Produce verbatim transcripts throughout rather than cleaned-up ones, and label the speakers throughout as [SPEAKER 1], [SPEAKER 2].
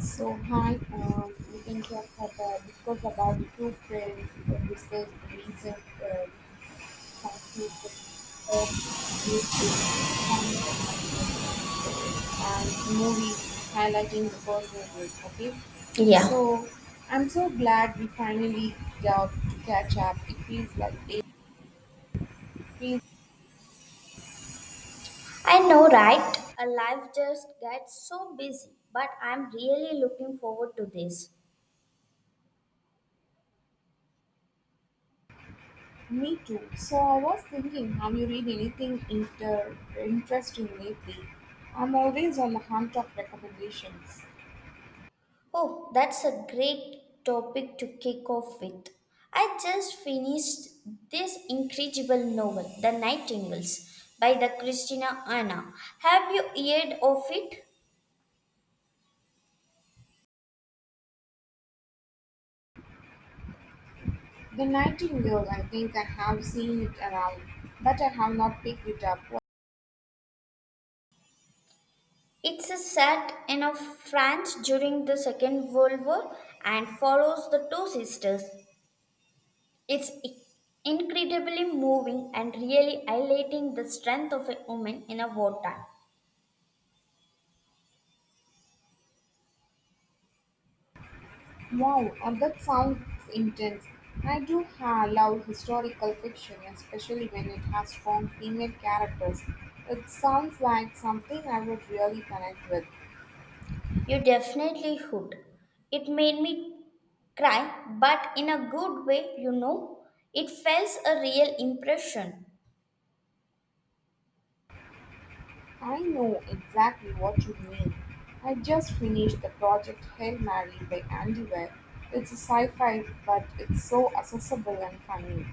[SPEAKER 1] So hi, um, we can talk about discuss about the two trends and discuss the recent uh, conflict of pop, music, environmental culture, and movies highlighting the personal growth. Okay,
[SPEAKER 2] Yeah,
[SPEAKER 1] so I'm so glad we finally got to catch up. It feels like it feels
[SPEAKER 2] I know, right? A life just gets so busy, but I'm really looking forward to this.
[SPEAKER 1] me too. So I was thinking, have you read anything inter interesting lately? I'm always on the hunt of recommendations.
[SPEAKER 2] Oh, that's a great topic to kick off with. I just finished this incredible novel, The Nightingales, by the Christina Anna. Have you heard of it?
[SPEAKER 1] The Nightingale, I think I have seen it around, but I have not picked it up.
[SPEAKER 2] It's a set in a France during the Second World War and follows the two sisters. It's incredibly moving and really highlighting the strength of a woman in a wartime.
[SPEAKER 1] Wow, uh, that sounds intense. I do ha- love historical fiction, especially when it has strong female characters. It sounds like something I would really connect with.
[SPEAKER 2] You definitely hooked. It made me cry, but in a good way, you know. It felt a real impression.
[SPEAKER 1] I know exactly what you mean. I just finished the project Hail Mary by Andy Weir. It's a sci-fi, but it's so accessible and funny.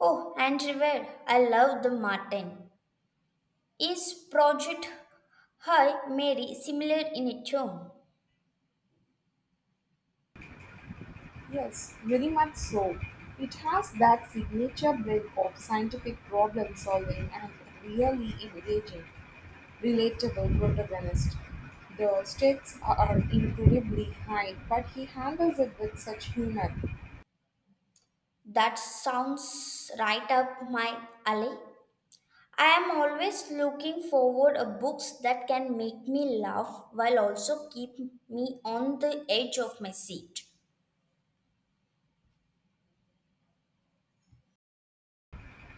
[SPEAKER 2] Oh, and River, I love the Martin. Is Project Hi Mary similar in a tone?
[SPEAKER 1] Yes, very much so. It has that signature blend of scientific problem solving and really engaging, relatable protagonist. The stakes are incredibly high, but he handles it with such humor.
[SPEAKER 2] That sounds right up my alley. I am always looking forward a books that can make me laugh while also keep me on the edge of my seat.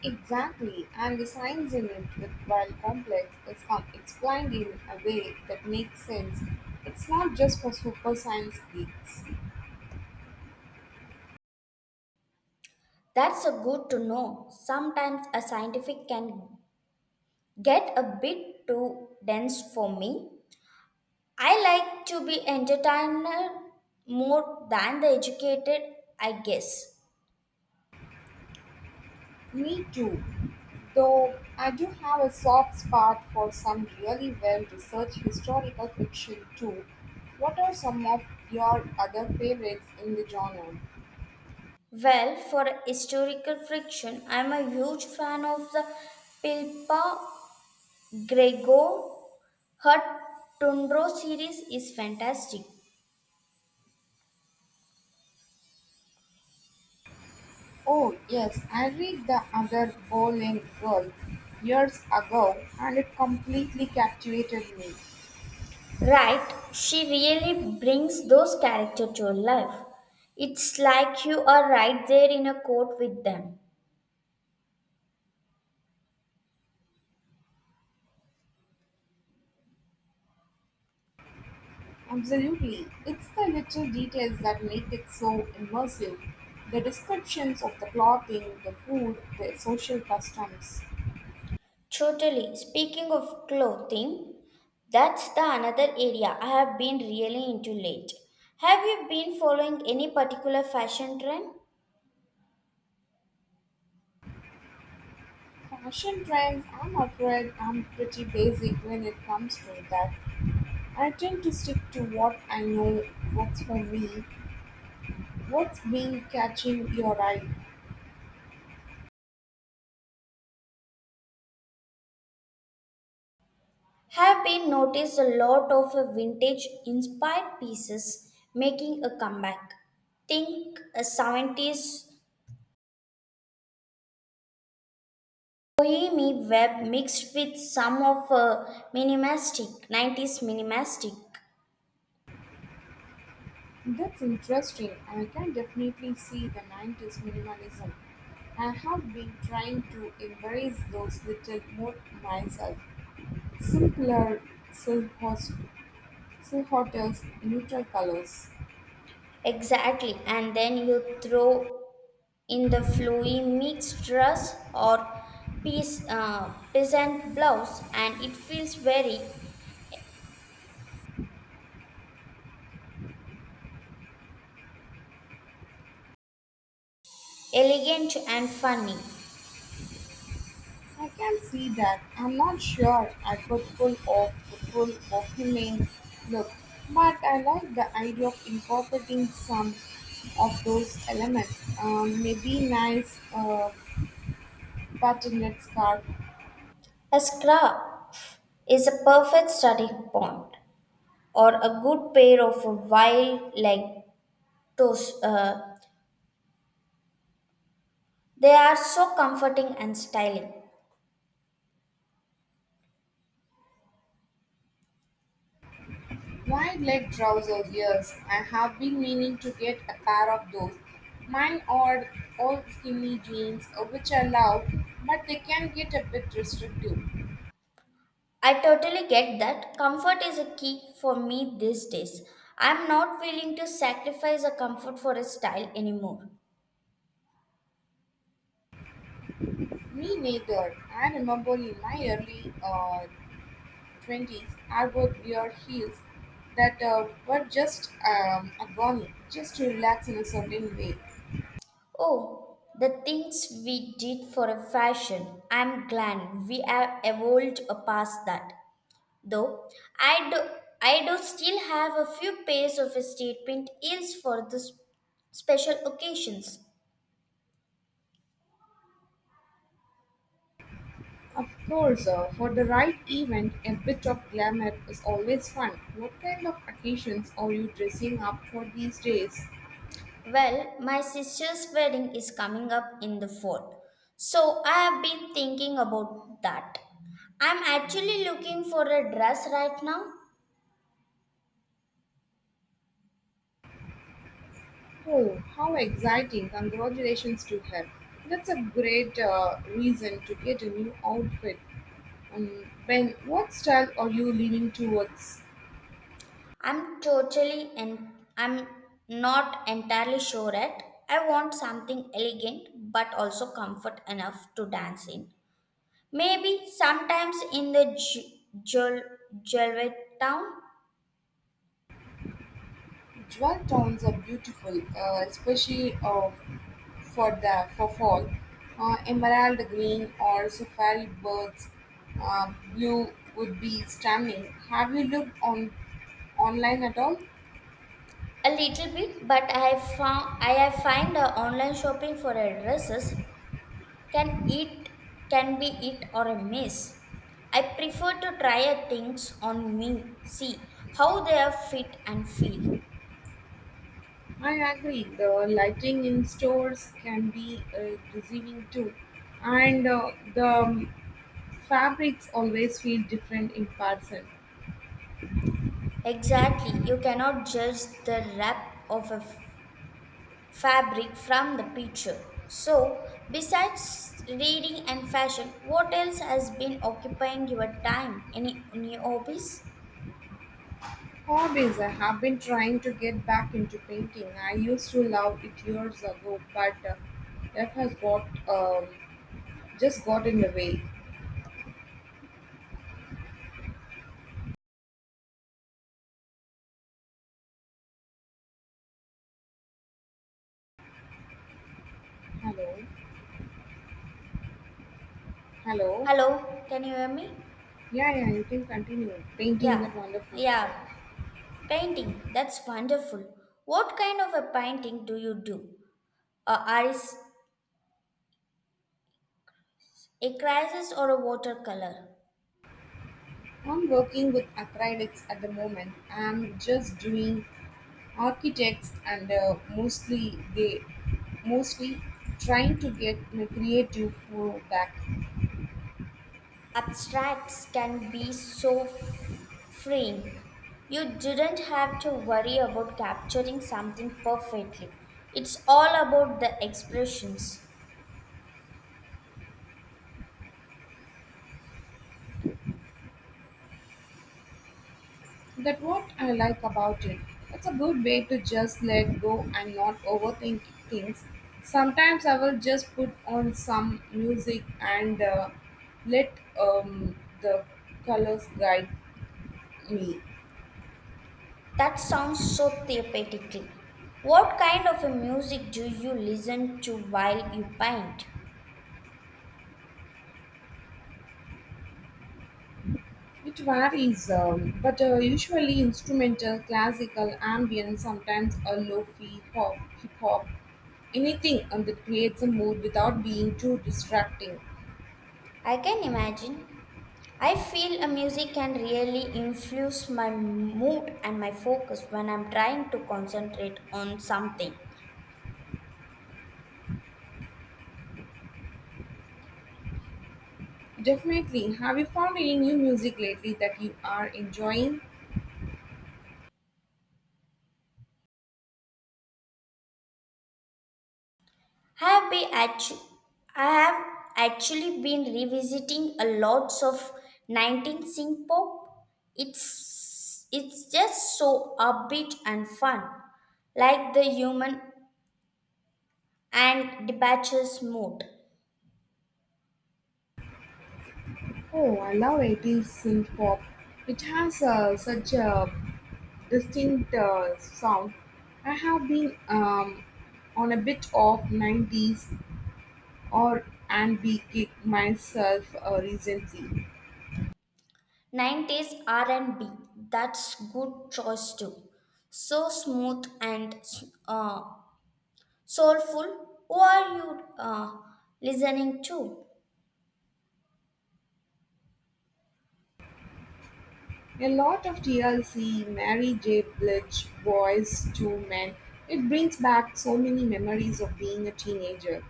[SPEAKER 1] Exactly, and the science in it, with while complex, is com- explained in a way that makes sense. It's not just for super science geeks.
[SPEAKER 2] That's a good to know. Sometimes a scientific can get a bit too dense for me. I like to be entertained more than the educated, I guess.
[SPEAKER 1] Me too, though I do have a soft spot for some really well researched historical fiction too. What are some of your other favorites in the genre?
[SPEAKER 2] Well, for historical fiction, I'm a huge fan of the Pilpa Grego, her Tundro series is fantastic.
[SPEAKER 1] Oh, yes, I read The Other Bowling Girl years ago and it completely captivated me.
[SPEAKER 2] Right, she really brings those characters to life. It's like you are right there in a court with them.
[SPEAKER 1] Absolutely. It's the little details that make it so immersive, the descriptions of the clothing, the food, the social customs.
[SPEAKER 2] Totally. Speaking of clothing, that's the another area I have been really into late. Have you been following any particular fashion trend?
[SPEAKER 1] Fashion trends, I'm afraid I'm pretty basic when it comes to that. I tend to stick to what I know works for me. What's been catching your eye?
[SPEAKER 2] Have been noticed a lot of vintage inspired pieces making a comeback. Think a seventies bohemian web mixed with some of a minimalistic nineties minimalistic.
[SPEAKER 1] That's interesting. I can definitely see the nineties minimalism. I have been trying to embrace those little more myself. Simpler silhouettes, silhouettes, neutral colors.
[SPEAKER 2] Exactly, and then you throw in the flowy mixed dress or piece, uh, peasant blouse, and it feels very elegant and funny.
[SPEAKER 1] I can see that. I'm not sure I could pull off the full bohemian look, but I like the idea of incorporating some of those elements. Um, maybe nice uh, buttonlet scarf,
[SPEAKER 2] A scrap is a perfect starting point, or a good pair of wild leg toes. Uh, they are so comforting and styling.
[SPEAKER 1] wide leg trousers. Yes, I have been meaning to get a pair of those. Mine are all skinny jeans, uh, which I love, but they can get a bit restrictive.
[SPEAKER 2] I totally get that. Comfort is a key for me these days. I'm not willing to sacrifice a comfort for a style anymore.
[SPEAKER 1] Me neither. I remember in my early uh, twenties, I would wear heels that uh, were just um, a gurney, just to relax in a certain way.
[SPEAKER 2] Oh, the things we did for a fashion. I'm glad we have evolved past that. Though I do, I do still have a few pairs of statement heels for the s- special occasions.
[SPEAKER 1] Of course, uh, for the right event, a bit of glamour is always fun. What kind of occasions are you dressing up for these days?
[SPEAKER 2] Well, my sister's wedding is coming up in the fourth, so I have been thinking about that. I'm actually looking for a dress right now.
[SPEAKER 1] Oh, how exciting! Congratulations to her. That's a great uh, reason to get a new outfit. Um, Ben, what style are you leaning towards?
[SPEAKER 2] I'm totally and I'm not entirely sure yet. I want something elegant but also comfort enough to dance in. Maybe sometimes in the Jewelry town.
[SPEAKER 1] Dry towns are beautiful, uh, especially uh, for the for fall. Uh, emerald green or safari birds, uh, blue would be stunning. Have you looked on online at all?
[SPEAKER 2] A little bit, but I found I have find uh, online shopping for addresses can it can be it or a miss. I prefer to try a things on me, see how they are fit and feel.
[SPEAKER 1] I agree. The lighting in stores can be uh, deceiving too, and uh, the fabrics always feel different in person.
[SPEAKER 2] Exactly, you cannot judge the wrap of a f- fabric from the picture. So besides reading and fashion, what else has been occupying your time? Any new hobbies?
[SPEAKER 1] Hobbies. I have been trying to get back into painting. I used to love it years ago, but uh, that has got um, just got in the way. Hello, hello.
[SPEAKER 2] Hello, can you hear me?
[SPEAKER 1] Yeah, yeah. You can continue. Painting
[SPEAKER 2] Yeah,
[SPEAKER 1] is wonderful.
[SPEAKER 2] yeah,
[SPEAKER 1] Yeah.
[SPEAKER 2] painting, that's wonderful. What kind of a painting do you do? A iris, a crisis, or a watercolor.
[SPEAKER 1] I'm working with acrylics at the moment. I'm just doing architects and uh, mostly they mostly trying to get you know, creative for that.
[SPEAKER 2] Abstracts can be so f- freeing. You didn't have to worry about capturing something perfectly. It's all about the expressions.
[SPEAKER 1] That what I like about it. It's a good way to just let go and not overthink things. Sometimes I will just put on some music and uh, let um, the colors guide me.
[SPEAKER 2] That sounds so therapeutically. What kind of a music do you listen to while you paint?
[SPEAKER 1] It varies, um, but uh, usually instrumental, classical, ambient, sometimes a lo-fi hop, hip hop, anything um, that creates a mood without being too distracting.
[SPEAKER 2] I can imagine. I feel a music can really influence my mood and my focus when I'm trying to concentrate on something.
[SPEAKER 1] Definitely. Have you found any new music lately that you are enjoying?
[SPEAKER 2] I have been actu- I have actually been revisiting a lots of nineteen synth pop. It's it's just so upbeat and fun, like the human and departures mood.
[SPEAKER 1] Oh, I love eighties synth pop. It has uh, such a distinct uh, sound. I have been um, on a bit of nineties or and be kick myself uh, recently.
[SPEAKER 2] nineties R and B, that's good choice too, so smooth and uh, soulful. Who are you uh, listening to?
[SPEAKER 1] A lot of T L C, Mary J. Blige, Boys to Men. It brings back so many memories of being a teenager.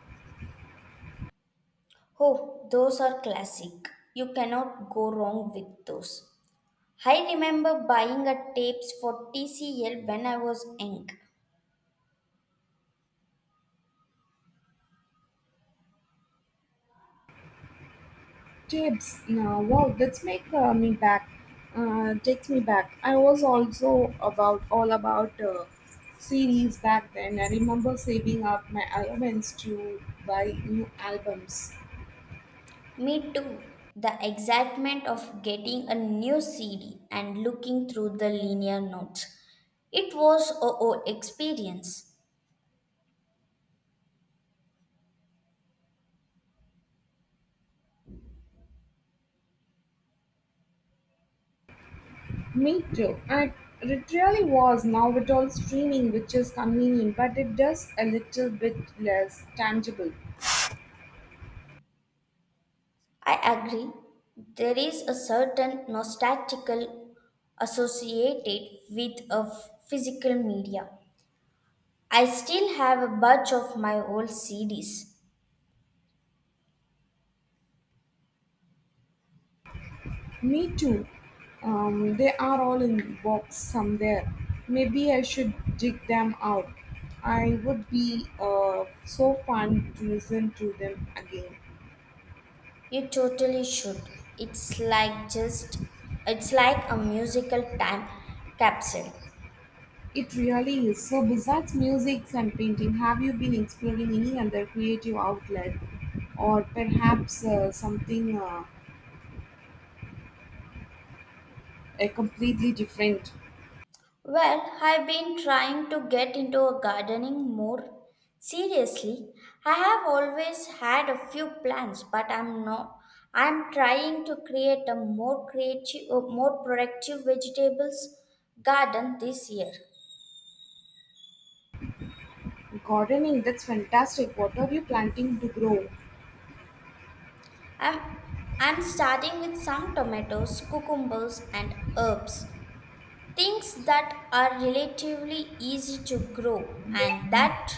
[SPEAKER 2] Oh, those are classic, you cannot go wrong with those. I remember buying a tapes for T C L when I was young.
[SPEAKER 1] Tips. Now, wow, that's make uh, me back. Uh, takes me back. I was also about all about uh, series back then. I remember saving up my allowance to buy new albums.
[SPEAKER 2] Me too, the excitement of getting a new C D and looking through the linear notes, it was a whole experience.
[SPEAKER 1] Me too. I, it really was. Now it all streaming, which is convenient, but it does a little bit less tangible.
[SPEAKER 2] I agree. There is a certain nostalgical associated with a f- physical media. I still have a bunch of my old C Ds.
[SPEAKER 1] Me too. Um, they are all in box somewhere. Maybe I should dig them out. I would be uh, so fun to listen to them again.
[SPEAKER 2] You totally should. It's like just it's like a musical time capsule.
[SPEAKER 1] It really is. So besides music and painting, have you been exploring any other creative outlet, or perhaps uh, something uh, uh, completely different?
[SPEAKER 2] Well, I've been trying to get into a gardening more seriously. I have always had a few plants, but I'm not. I'm trying to create a more creative, a more productive vegetables garden this year.
[SPEAKER 1] Gardening, that's fantastic. What are you planting to grow?
[SPEAKER 2] I'm I'm starting with some tomatoes, cucumbers, and herbs. Things that are relatively easy to grow and that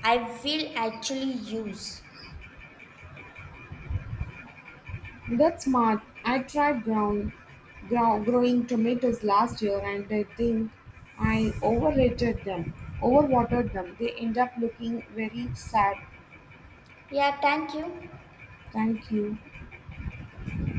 [SPEAKER 2] I will actually use.
[SPEAKER 1] That's smart. I tried ground, grow, growing tomatoes last year and I think I overrated them, overwatered them. They end up looking very sad.
[SPEAKER 2] Yeah, thank you.
[SPEAKER 1] Thank you.